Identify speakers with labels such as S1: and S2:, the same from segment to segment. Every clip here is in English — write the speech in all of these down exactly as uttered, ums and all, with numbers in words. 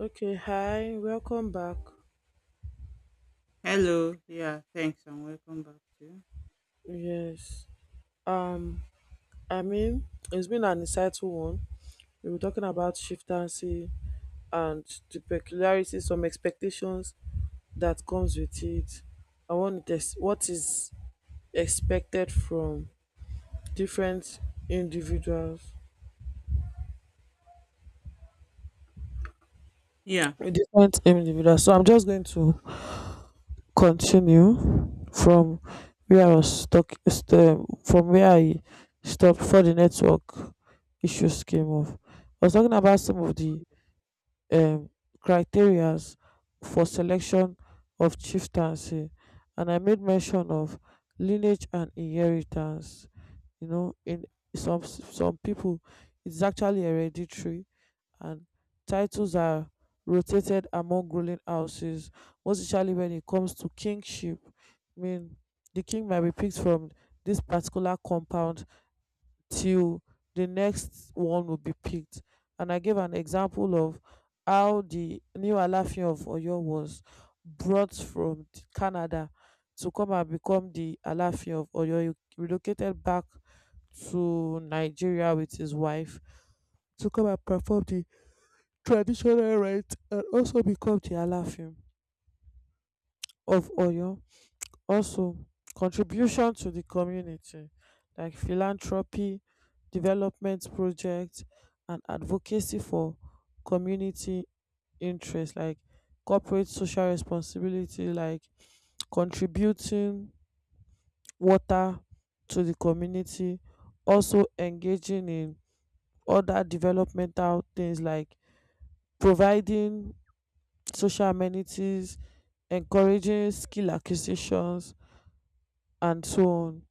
S1: Okay, hi, welcome back.
S2: Hello. Yeah, thanks and welcome back to.
S1: Yes, um, I mean, it's been an insightful one. We were talking about shiftancy and the peculiarities, some expectations that comes with it. I want to test what is expected from different individuals,
S2: Yeah.
S1: different individuals. So I'm just going to continue from where I was stuck st- um, from where I stopped before the network issues came up. I was talking about some of the um, criterias for selection of chieftaincy, and I made mention of lineage and inheritance, you know. In some some people it's actually hereditary, and titles are rotated among ruling houses, most especially when it comes to kingship. I mean, the king might be picked from this particular compound till the next one will be picked. And I gave an example of how the new Alaafin of Oyo was brought from t- Canada to come and become the Alaafin of Oyo. He relocated back to Nigeria with his wife to come and perform the traditional rite and also become the Alaafin of Oyo. Also, contribution to the community, like philanthropy, development projects and advocacy for community interests, like corporate social responsibility, like contributing water to the community, also engaging in other developmental things like providing social amenities, encouraging skill acquisitions and so on.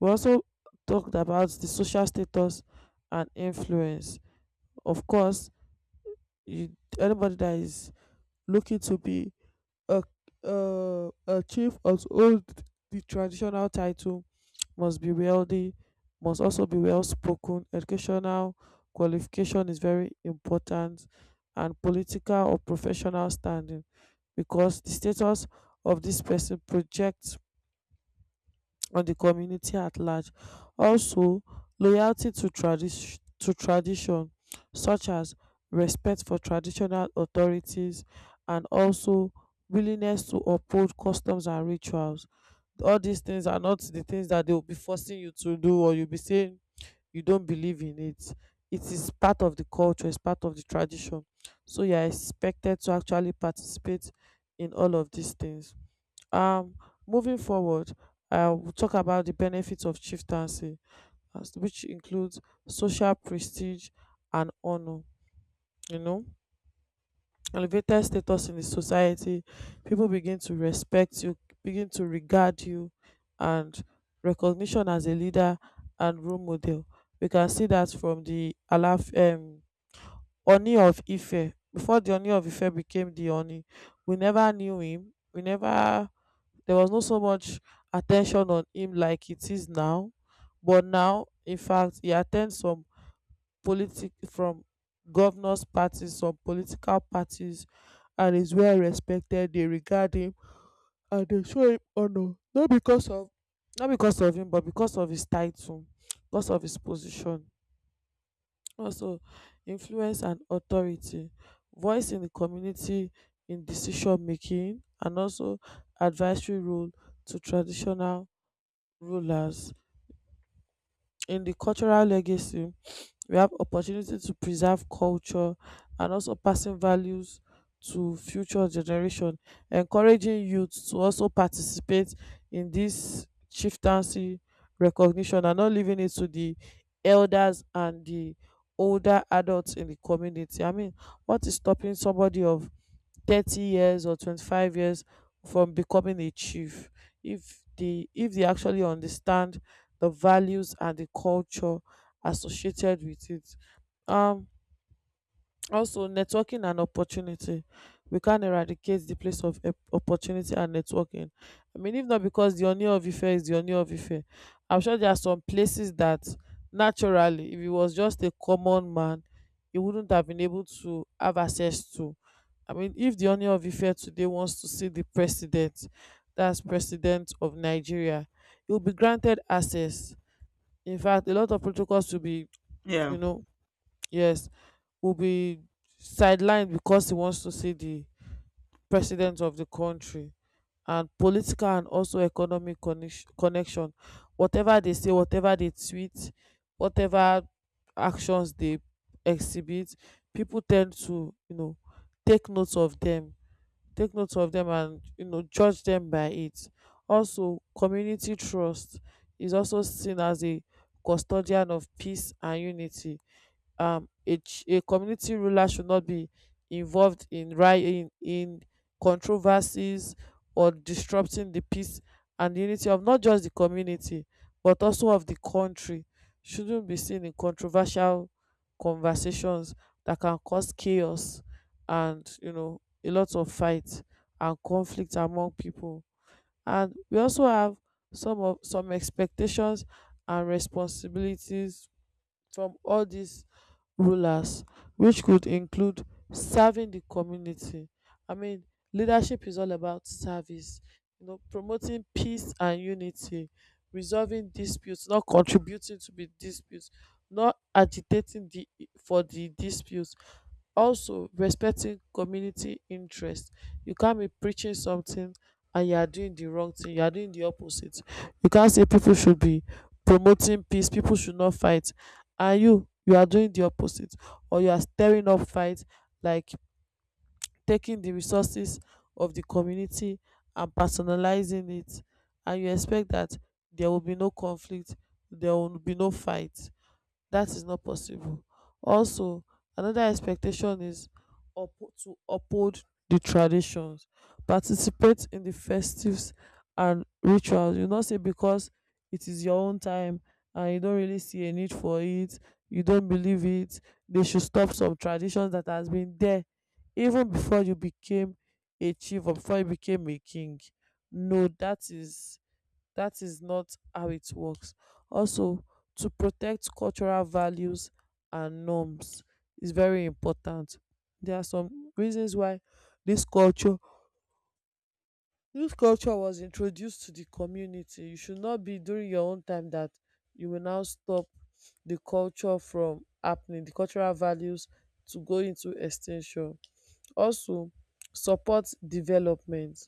S1: We also talked about the social status and influence. Of course, you, anybody that is looking to be a, uh, a chief of all the traditional title must be wealthy, must also be well spoken. Educational qualification is very important, and political or professional standing, because the status of this person projects on the community at large. Also, loyalty to, tradi- to tradition, such as respect for traditional authorities and also willingness to uphold customs and rituals. All these things are not the things that they will be forcing you to do or you'll be saying you don't believe in it. It is part of the culture, it's part of the tradition. So you are expected to actually participate in all of these things. Um, Moving forward, I will talk about the benefits of chieftaincy, as- which includes social prestige and honor. You know, elevated status in the society, people begin to respect you, begin to regard you, and recognition as a leader and role model. We can see that from the Alaf, um, Oni of Ife. Before the Oni of Ife became the Oni, we never knew him. We never There was not so much attention on him like it is now, but now, in fact, he attends some politic from governors parties, some political parties, and is well respected. They regard him and they show him honour, not because of, not because of him, but because of his title, because of his position. Also, influence and authority, voice in the community, in decision making, and also advisory role to traditional rulers. In the cultural legacy, we have opportunity to preserve culture and also passing values to future generation, encouraging youth to also participate in this chieftaincy recognition and not leaving it to the elders and the older adults in the community. I mean, what is stopping somebody of thirty years or twenty-five years from becoming a chief if they if they actually understand the values and the culture associated with it. um Also, networking and opportunity. We can't eradicate the place of op- opportunity and networking. I mean, if not because the Oni of Ife is the Oni of Ife, I'm sure there are some places that naturally, if he was just a common man, he wouldn't have been able to have access to. I mean, if the Oni of Ife today wants to see the president, that's president of Nigeria, he will be granted access. In fact, a lot of protocols will be,
S2: Yeah.
S1: you know, yes, will be sidelined because he wants to see the president of the country. And political and also economic connex- connection, whatever they say, whatever they tweet, whatever actions they exhibit, people tend to, you know, take notes of them, take notes of them and, you know, judge them by it. Also, community trust, is also seen as a custodian of peace and unity. Um, a, ch- a community ruler should not be involved in, ri- in in controversies or disrupting the peace and unity of not just the community but also of the country. Shouldn't be seen in controversial conversations that can cause chaos and, you know, a lot of fight and conflict among people. And we also have some of some expectations and responsibilities from all these rulers, which could include serving the community. I mean, leadership is all about service, you know, promoting peace and unity, resolving disputes, not contributing to the disputes, not agitating the for the disputes. Also, respecting community interest. You can't be preaching something and you are doing the wrong thing. You are doing the opposite. You can't say people should be promoting peace, people should not fight. And you, you are doing the opposite. Or you are stirring up fight, like taking the resources of the community and personalizing it. And you expect that there will be no conflict, there will be no fight. That is not possible. Also, another expectation is up to uphold the traditions, participate in the festives and rituals. You not say because it is your own time and you don't really see a need for it, you don't believe it. They should stop some traditions that has been there even before you became a chief or before you became a king. No, that is, that is not how it works. Also, to protect cultural values and norms is very important. There are some reasons why this culture this culture was introduced to the community. You should not be during your own time that you will now stop the culture from happening, the cultural values to go into extinction. Also, support development,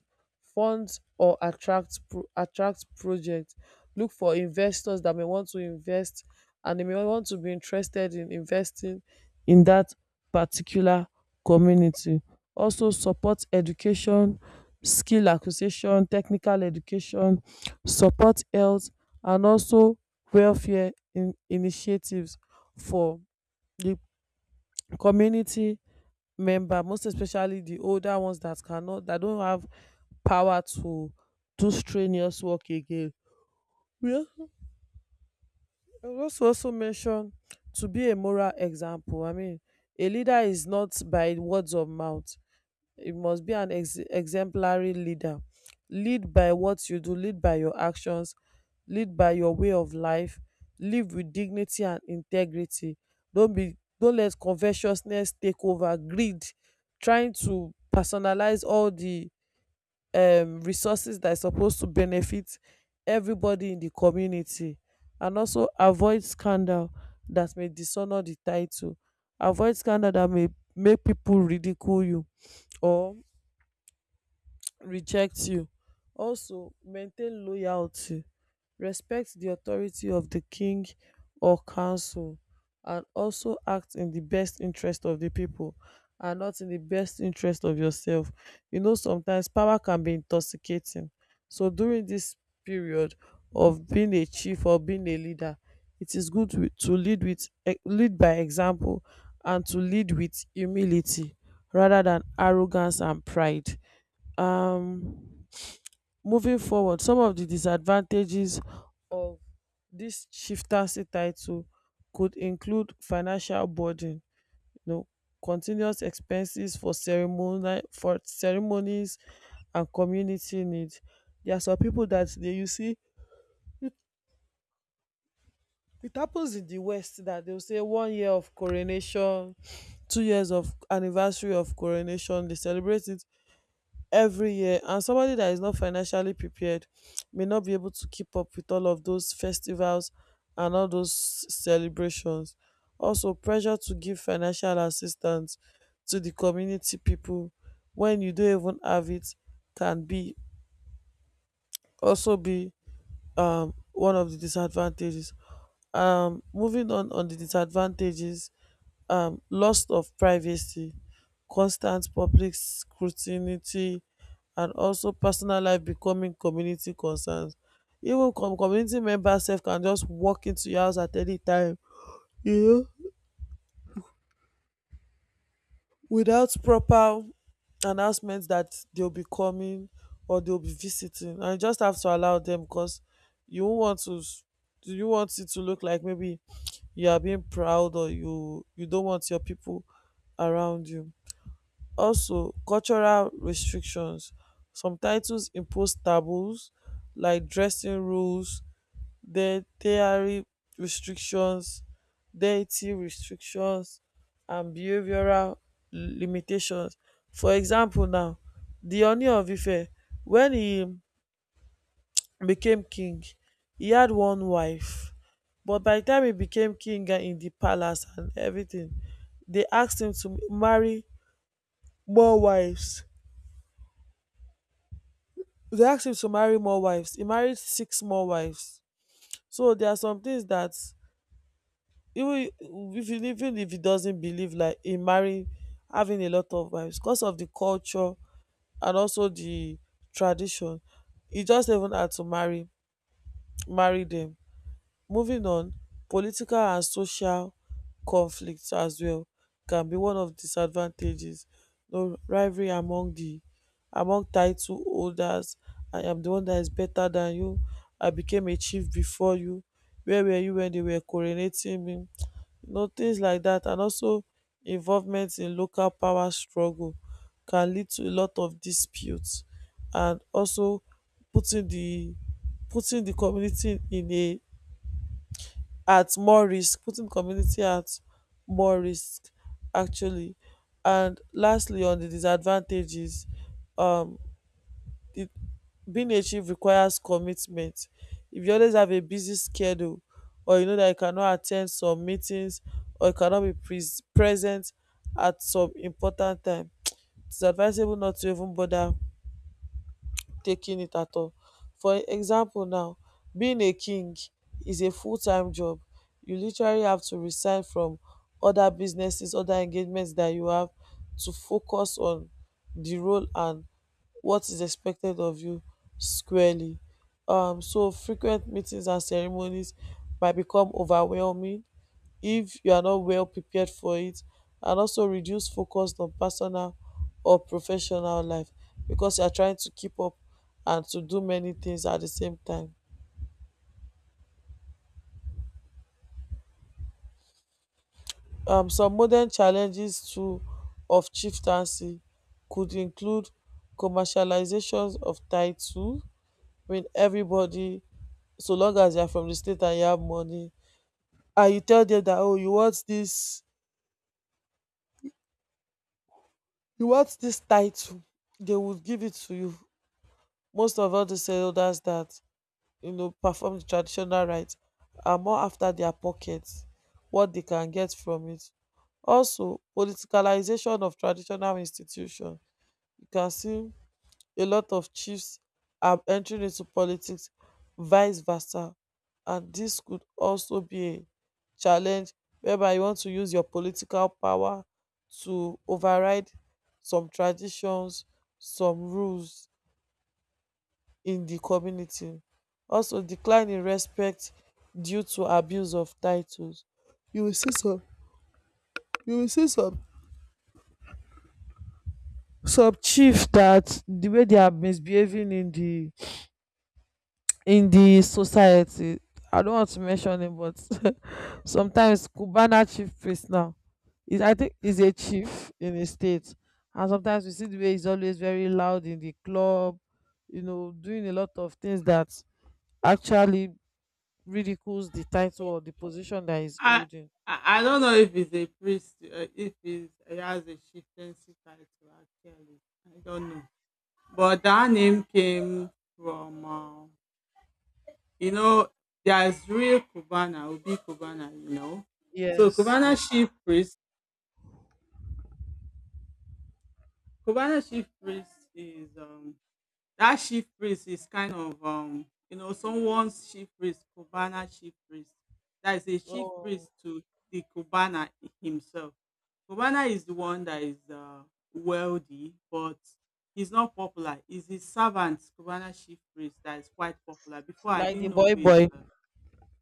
S1: fund or attract pro attract project, look for investors that may want to invest and they may want to be interested in investing in that particular community. Also, support education, skill acquisition, technical education, support health and also welfare in initiatives for the community member, most especially the older ones that cannot, that don't have power to do strenuous work again. Yeah, al- I will also also mention to be a moral example. I mean, a leader is not by words of mouth. You must be an ex- exemplary leader. Lead by what you do, lead by your actions, lead by your way of life. Live with dignity and integrity. Don't be don't let covetousness take over, greed, trying to personalize all the um, resources that is supposed to benefit everybody in the community. And also avoid scandal that may dishonor the title, avoid scandal that may make people ridicule you or reject you. Also, maintain loyalty, respect di authority of di king or council, and also act in di best interest of di pipo and not in di best interest of yourself. You know, sometimes power can be intoxicating, so during dis period of being a chief or being a leader, it is good wi- to lead with e- lead by example and to lead with humility rather than arrogance and pride. um Moving forward, some of the disadvantages of this chieftaincy title could include financial burden. You know, continuous expenses for ceremonial for ceremonies and community need. There are some people that dey, you see, it happens in the west that they will say one year of coronation, two years of anniversary of coronation, they celebrate it every year, and somebody that is not financially prepared may not be able to keep up with all of those festivals and all those celebrations. Also, pressure to give financial assistance to the community people when you don't even have it can be also be um, one of the disadvantages. Um, moving on on the disadvantages, um, loss of privacy, constant public scrutiny, and also personal life becoming community concerns. Even com- community members sef can just walk into your house at any time, you know. Without proper announcements that they'll be coming or they'll be visiting, and you just have to allow them because you won't want to s- you want it to look like maybe you are being proud or you you don't want your people around you. Also, cultural restrictions, some titles impose taboos like dressing rules, dietary restrictions dietary restrictions and behavioural limitations. For example now, the Ooni of Ife, wen e became king, he had one wife, but by the time he became king and in the palace and everything, they asked him to marry more wives. They asked him to marry more wives. He married six more wives. So there are some things that even if you even if he doesn't believe like in marrying having a lot of wives because of the culture and also the tradition he just even had to marry marry them. Moving on, political and social conflicts as well can be one of disadvantages. No rivalry among the among title holders. I am the one that is better than you. I became a chief before you. Where were you when they were coronating me? You know, things like that. And also involvement in local power struggle can lead to a lot of disputes and also putting the putting the community in a at more risk, putting community at more risk actually. And lastly on the disadvantages, um it being a chief requires commitment. If you always have a busy schedule or you know that you cannot attend some meetings or you cannot be pres- present at some important time, it's advisable not to even bother taking it at all. For example now, being a king is a full time job. You literally have to resign from other businesses, other engagements that you have to focus on the role and what is expected of you squarely. Um, so frequent meetings and ceremonies might become overwhelming if you are not well prepared for it and also reduce focus on personal or professional life because you are trying to keep up and to do many things at the same time. Um, some modern challenges too of chieftaincy could include commercializations of title when everybody, so long as you are from the state and you have money and you tell them that oh you want this, you want this title, they will give it to you. Most of all these elders that you know perform the traditional rite are more after their pockets, what they can get from it. Also, politicalization of traditional institution. You can see a lot of chiefs are entering into politics, vice versa. And this could also be a challenge whereby you want to use your political power to override some traditions, some rules in di community. Also decline in respect due to abuse of titles. You will see some you will see some some chief dat di way they are misbehaving in di in di society. I don't want to mention name but sometimes Cubana chief priest now is, I think is a chief in a state, and sometimes you see the way he's always very loud in the club, you know, doing a lot of things that actually ridicules the title or the position that he's
S2: I
S1: holding.
S2: I I don't know if it's a priest, uh, if it's, it has a chieftaincy title actually. I don't know. But that name came from, uh, you know, there's real Cubana, Ubi Cubana, you know. So
S1: Yes,
S2: Cubana
S1: yes.
S2: chief priest, Cubana chief priest is um That chief priest is kind of um you know someone's chief priest, Cubana chief priest. That is a chief
S1: Oh,
S2: priest to the Cubana himself. Cubana is the one that is uh, wealthy, but he's not popular. It's his servant, Cubana chief priest, that is quite popular. Before I
S1: like the
S2: didn't know
S1: boy
S2: who is.
S1: boy.
S2: uh,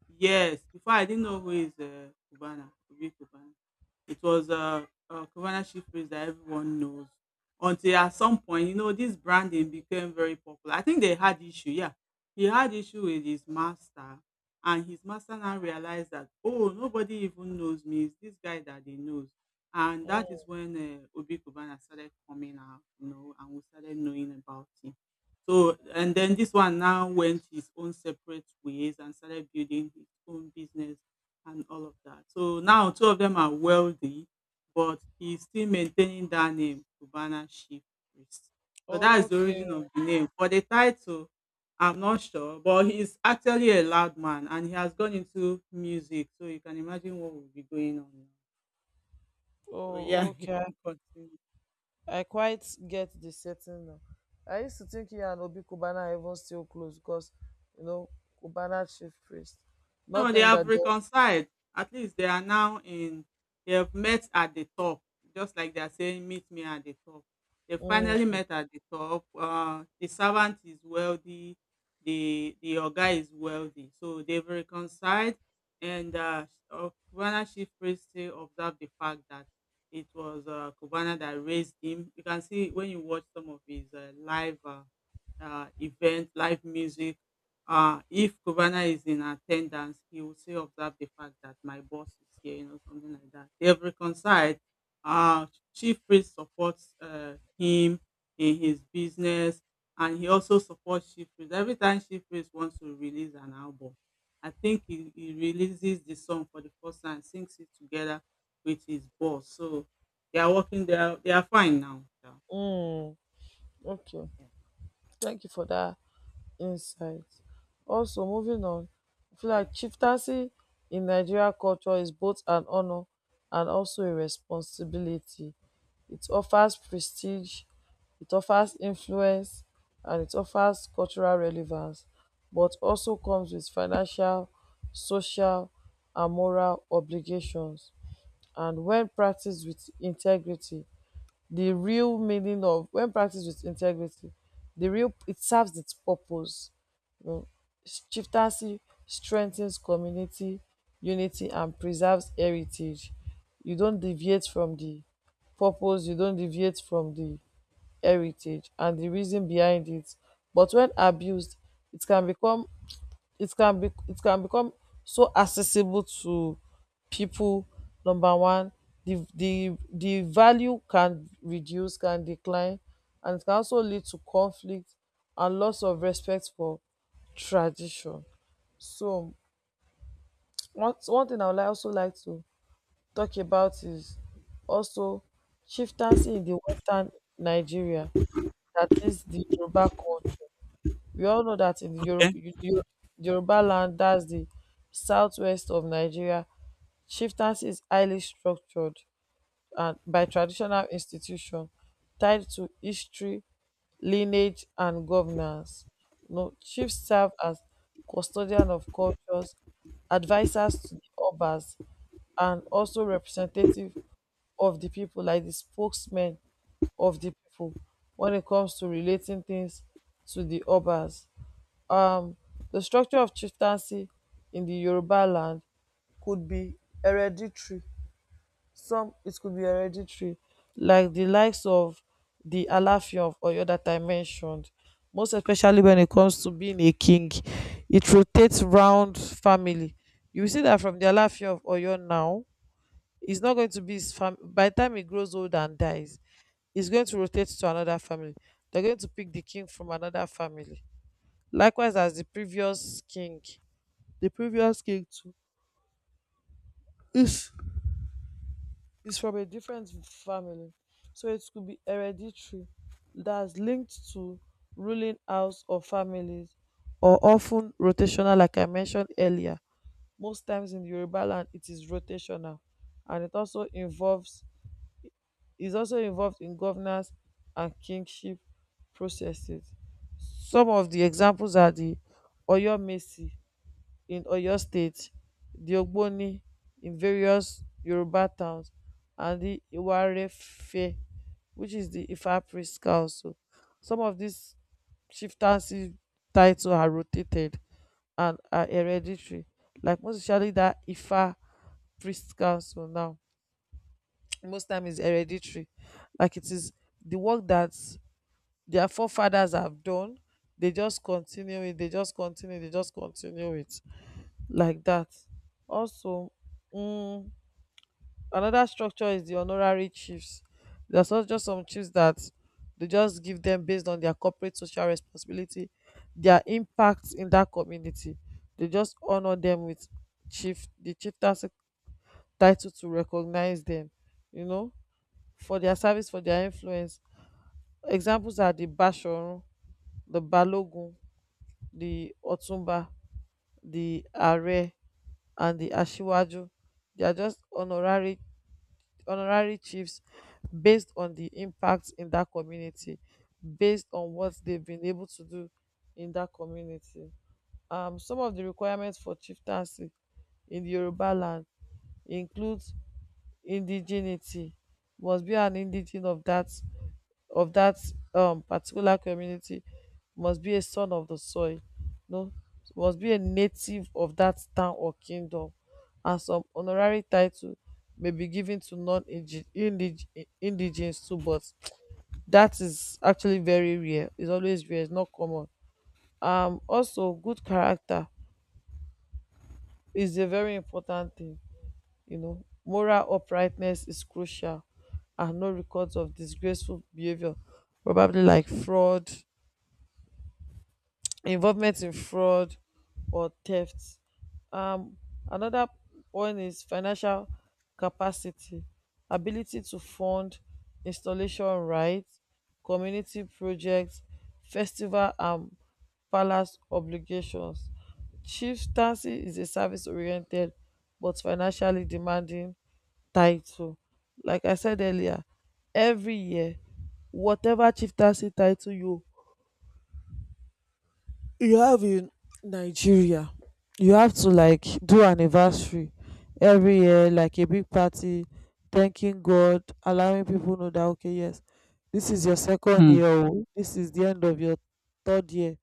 S2: Yes, before I didn't know who is uh, Cubana, Obi Cubana. It was a, a Cubana chief phrase that everyone knows. Until at some point, you know, this branding became very popular. I think they had issue. Yeah, he had issue with his master, and his master now realized that oh, nobody even knows me. It's this guy that they knows, and that is
S1: Mm.
S2: when uh, Obi Cubana started coming out, you know, and we started knowing about him. So and then this one now went his own separate ways and started building his own business and all of that. So now two of them are wealthy, but he's still maintaining that name, Cubana Chief Priest. So that is the
S1: Okay.
S2: origin of the name. For the title, I'm not sure, but he's actually a loud man and he has gone into music. So you can imagine what will be going on now. So yeah,
S1: Oh,
S2: you
S1: okay.
S2: can continue.
S1: I quite get the setting now. I used to think he and Obi Kubana are even still close because, you know, Kubana chief priest.
S2: No,
S1: Not
S2: they
S1: knowing
S2: have
S1: that they're.
S2: reconciled. At least they are now in, they have met at the top, just like they are saying, meet me at the top. They finally
S1: Mm,
S2: met at the top. Uh, the servant is wealthy, the the your guy is wealthy. So they've reconciled, and uh, uh, Kubana Chief Priest still observed the fact that it was uh, Kubana that raised him. You can see when you watch some of his uh, live uh, uh, event, live music, uh, if Cubana is in attendance, he will still observe the fact that my boss is here, you know, something like that. They have reconciled. Uh, Chief Priest supports uh, him in his business, and he also supports Chief Priest. Every time Chief Priest wants to release an album, I think he, he releases the song for the first time, sings it together with his boss. So they are working, they are, they are fine now. Yeah,
S1: mm. Okay. Thank you for that in sight. Also moving on, I feel
S2: yeah.
S1: like chieftaincy in Nigeria culture is both an honor and also a responsibility. It offers prestige, it offers influence, and it offers cultural relevance, but also comes with financial, social, and moral obligations. And when practiced with integrity, the real meaning of when practiced with integrity, the real it serves its purpose. You know, chieftaincy strengthens community unity and preserves heritage. You don't deviate from the purpose, you don't deviate from the heritage and the reason behind it. But when abused, it can become it can be it can become so accessible to people. Number one, the the the value can reduce, can decline, and it can also lead to conflict and loss of respect for tradition. So one one thing I would like also like to talk about is also chieftaincy in the Western Nigeria, that is the Yoruba culture. We all know that in the Yoruba,
S2: Okay.
S1: Yoruba land, that's the Southwest of Nigeria, chieftaincy is highly structured and by traditional institution tied to history, lineage, and governance. You know, chiefs serve as custodian of cultures, advisors to the Obas, and also representative of the people, like the spokesman of the people, when it comes to relating things to the Obas. um the structure of chieftaincy in the Yoruba land could be hereditary. Some it could be hereditary like the likes of the Alaafin of Oyo that I mentioned. Most especially when it comes to being a king, it rotates round family. You will see that from the Alaafin of Oyo now, it's not going to be his fam by the time he grows old and dies. It's going to rotate to another family, they're going to pick the king from another family, likewise as the previous king. The previous king too is is from a different family, so it could be hereditary that's linked to ruling house or families, or often rotational like I mentioned earlier. Most times in Yoruba land it is rotational, and it also involves is also involved in governance and kingship processes. Some of the examples are the Oyo Mesi in Oyo state, di Ogboni in various Yoruba towns, and di Iwarefe, which is di Ifa priest council. Some of dis chieftaincy titles are rotated and are hereditary, like most especially dat Ifa priest council now, most time is hereditary, like it is the work that their forefathers have done. They just continue it they just continue they just continue it like that. Also, mm, another structure is the honorary chiefs. There's also just some chiefs that they just give them based on their corporate social responsibility, their impact in that community. They just honor them with chief the chief title to recognize them, you know, for their service, for their influence. Examples are the Bashorun, the Balogun, the Otumba, the Are, and the Ashiwaju. They are just honorary honorary chiefs based on di impact in dat community, based on what dem bin able to do in dat community. Um some of di requirements for chieftaincy in the Yoruba land include indigeneity. Must be an indigene of dat of that um particular community. Must be a son of the soil, no, must be a native of that town or kingdom. And some honorary title may be given to non-indigenous too, but that is actually very rare, it's always rare, it's not common. Um also good character is a very important thing, you know. Moral uprightness is crucial and no records of disgraceful behavior, probably like fraud, involvement in fraud or theft. Um, Another one is financial capacity, ability to fund installation rights, community projects, festival and palace obligations. Chieftaincy is a service oriented but financially demanding title. Like I said earlier, every year, whatever chieftaincy title you you have in Nigeria, you have to like do anniversary every year, like a big party, thanking God, allowing people know that okay, yes, this is your second
S2: Mm.
S1: year, oh, this is the end of your third year,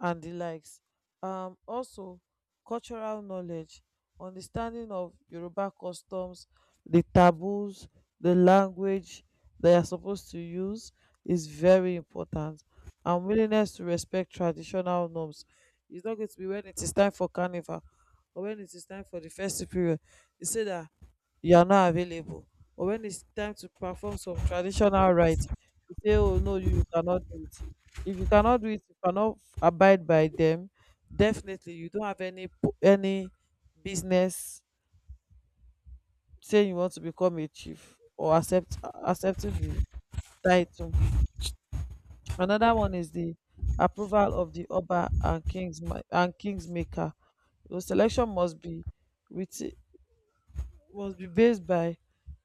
S1: and the likes. Um, also cultural knowledge, understanding of Yoruba customs, the taboos, the language they are supposed to use, is very important, and willingness to respect traditional norms. It's not going to be when it is time for carnival or when it is time for the festive period, you say that you are not available. Or when it's time to perform some traditional rites, you say, oh no, you, you cannot do it. If you cannot do it, you cannot f- abide by them. Definitely, you don't have any po- any business saying you want to become a chief or accept accepting the title. Another one is the approval of the Oba and Kings and Kingsmaker. The selection must be with must be based by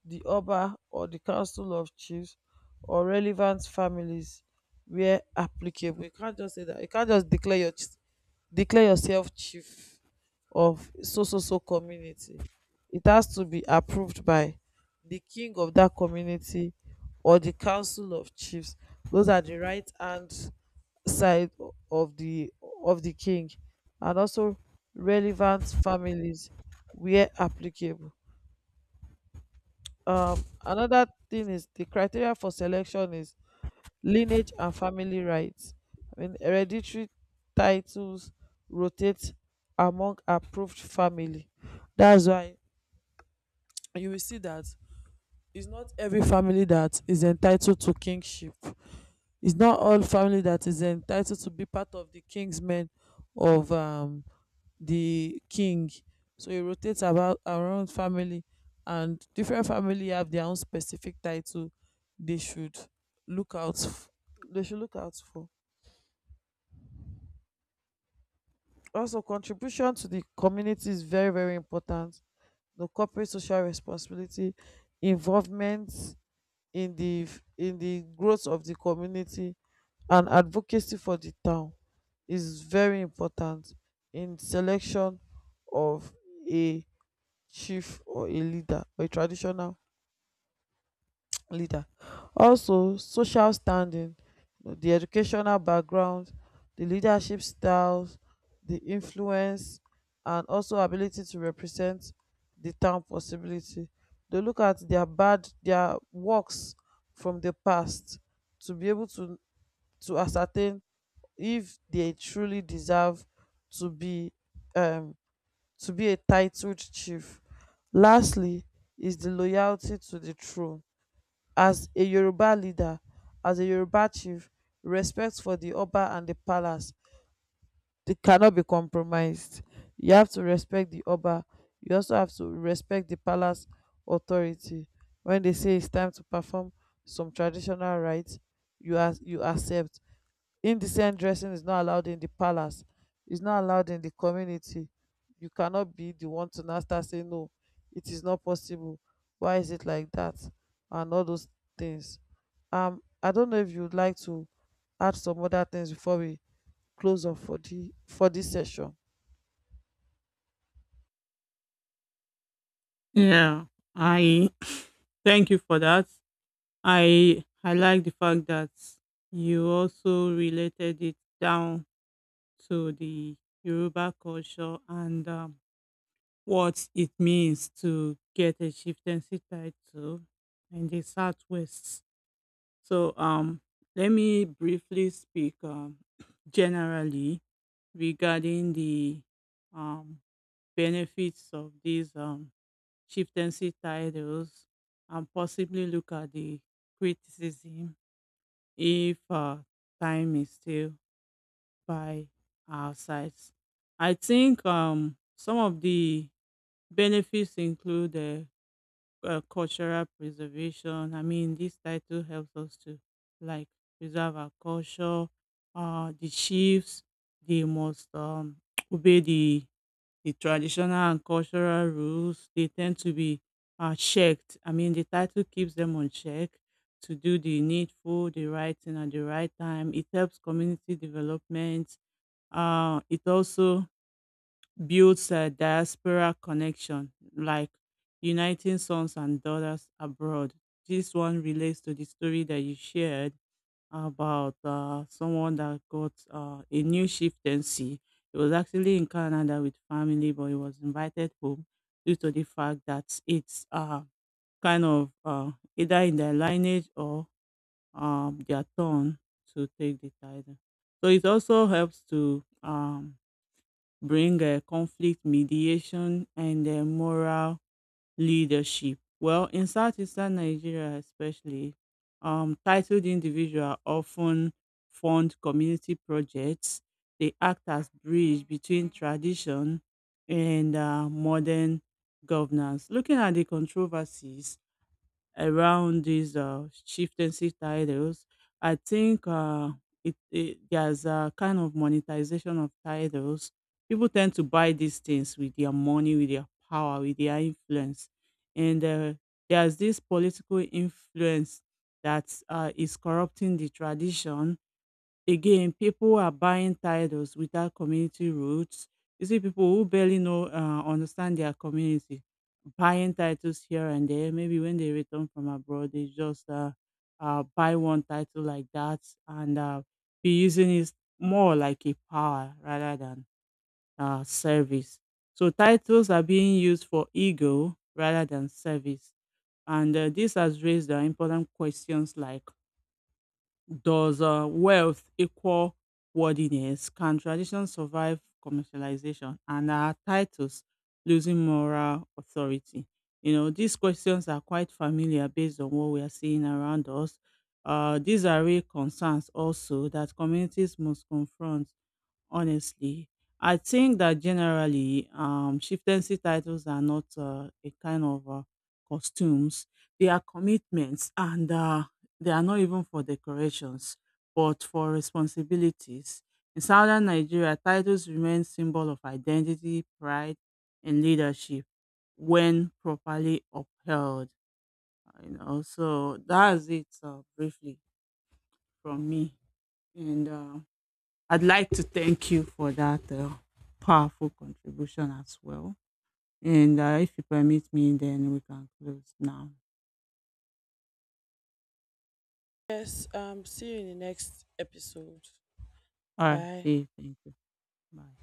S1: the Oba or the Council of Chiefs or relevant families where applicable. You can't just say that. You can't just declare your declare yourself chief of so so so community. It has to be approved by the king of that community or the council of chiefs. Those are the right hand side of the of the king, and also relevant families where applicable. Um, another thing is the criteria for selection is lineage and family rights. I mean, hereditary titles rotate among approved family. That's why you will see that it's not every family that is entitled to kingship. It's not all family that is entitled to be part of the king's men of um the king. So he rotates about around family, and different family have their own specific title they should look out f- they should look out for. Also contribution to the community is very very important. The corporate social responsibility involvement in the in the growth of the community and advocacy for the town is very important in selection of a chief or a leader or a traditional leader. Also, social standing, you know, the educational background, the leadership styles, the influence, and also ability to represent the town possibility. They look at their bad their works from the past to be able to to ascertain if they truly deserve to be um to be a titled chief. Lastly is the loyalty to the throne. As a Yoruba leader, as a Yoruba chief, respect for the Oba and the palace, they cannot be compromised. You have to respect the Oba. You also have to respect the palace authority. When they say it's time to perform some traditional rites, you as you accept indecent dressing is not allowed in the palace, is not allowed in the community. You cannot be the one to now start saying no, it is not possible, why is it like that, and all those things. um I don't know if you'd like to add some other things before we close off for the for this session.
S2: Yeah, I Thank you for that. I I like the fact that you also related it down to the Yoruba culture and um, what it means to get a chieftaincy title in the Southwest. So um, let me briefly speak um, generally regarding the um, benefits of this um, chieftaincy titles and possibly look at the criticism if uh, time is still by our sides. I think um, some of the benefits include uh, uh, cultural preservation. I mean, this title helps us to like preserve our culture. Uh, the chiefs, they must um, obey the the traditional and cultural rules. They tend to be uh, checked. I mean, the title keeps them on check to do the needful, the right thing at the right time. It helps community development. Uh, it also builds a diaspora connection like uniting sons and daughters abroad. This one relates to the story that you shared about uh, someone that got uh, a new chieftaincy. He was actually in Canada with family, but he was invited home due to the fact that it's uh, kind of uh, either in their lineage or um, their turn to take the title. So it also helps to um, bring uh, conflict mediation and uh, moral leadership. Well, in Southeastern Nigeria, especially, um, titled individuals often fund community projects. They act as bridge between tradition and uh, modern governance. Looking at the controversies around these uh, chieftaincy titles, I think uh, it, it there's a kind of monetization of titles. People tend to buy these things with their money, with their power, with their influence, and uh, there's this political influence that uh, is corrupting the tradition. Again, people are buying titles without community roots. You see people who barely know, uh, understand their community, buying titles here and there. Maybe when they return from abroad, they just uh, uh, buy one title like that and uh, be using it more like a power rather than uh, service. So titles are being used for ego rather than service. And uh, this has raised uh, important questions like does uh, wealth equal worthiness? Can tradition survive commercialization? And are titles losing moral authority? You know, these questions are quite familiar based on what we are seeing around us. Uh, these are real concerns also that communities must confront honestly. I think that generally, um, chieftaincy titles are not uh, a kind of uh, costumes. They are commitments, and uh, they are not even for decorations, but for responsibilities. In southern Nigeria, titles remain symbol of identity, pride, and leadership when properly upheld. You know, so that's it uh, briefly from me, and. Uh, I'd like to thank you for that uh, powerful contribution as well. And uh, if you permit me, then we can close now.
S1: Yes, um, see you in the next episode.
S2: All right.
S1: Bye.
S2: See you. Thank you. Bye.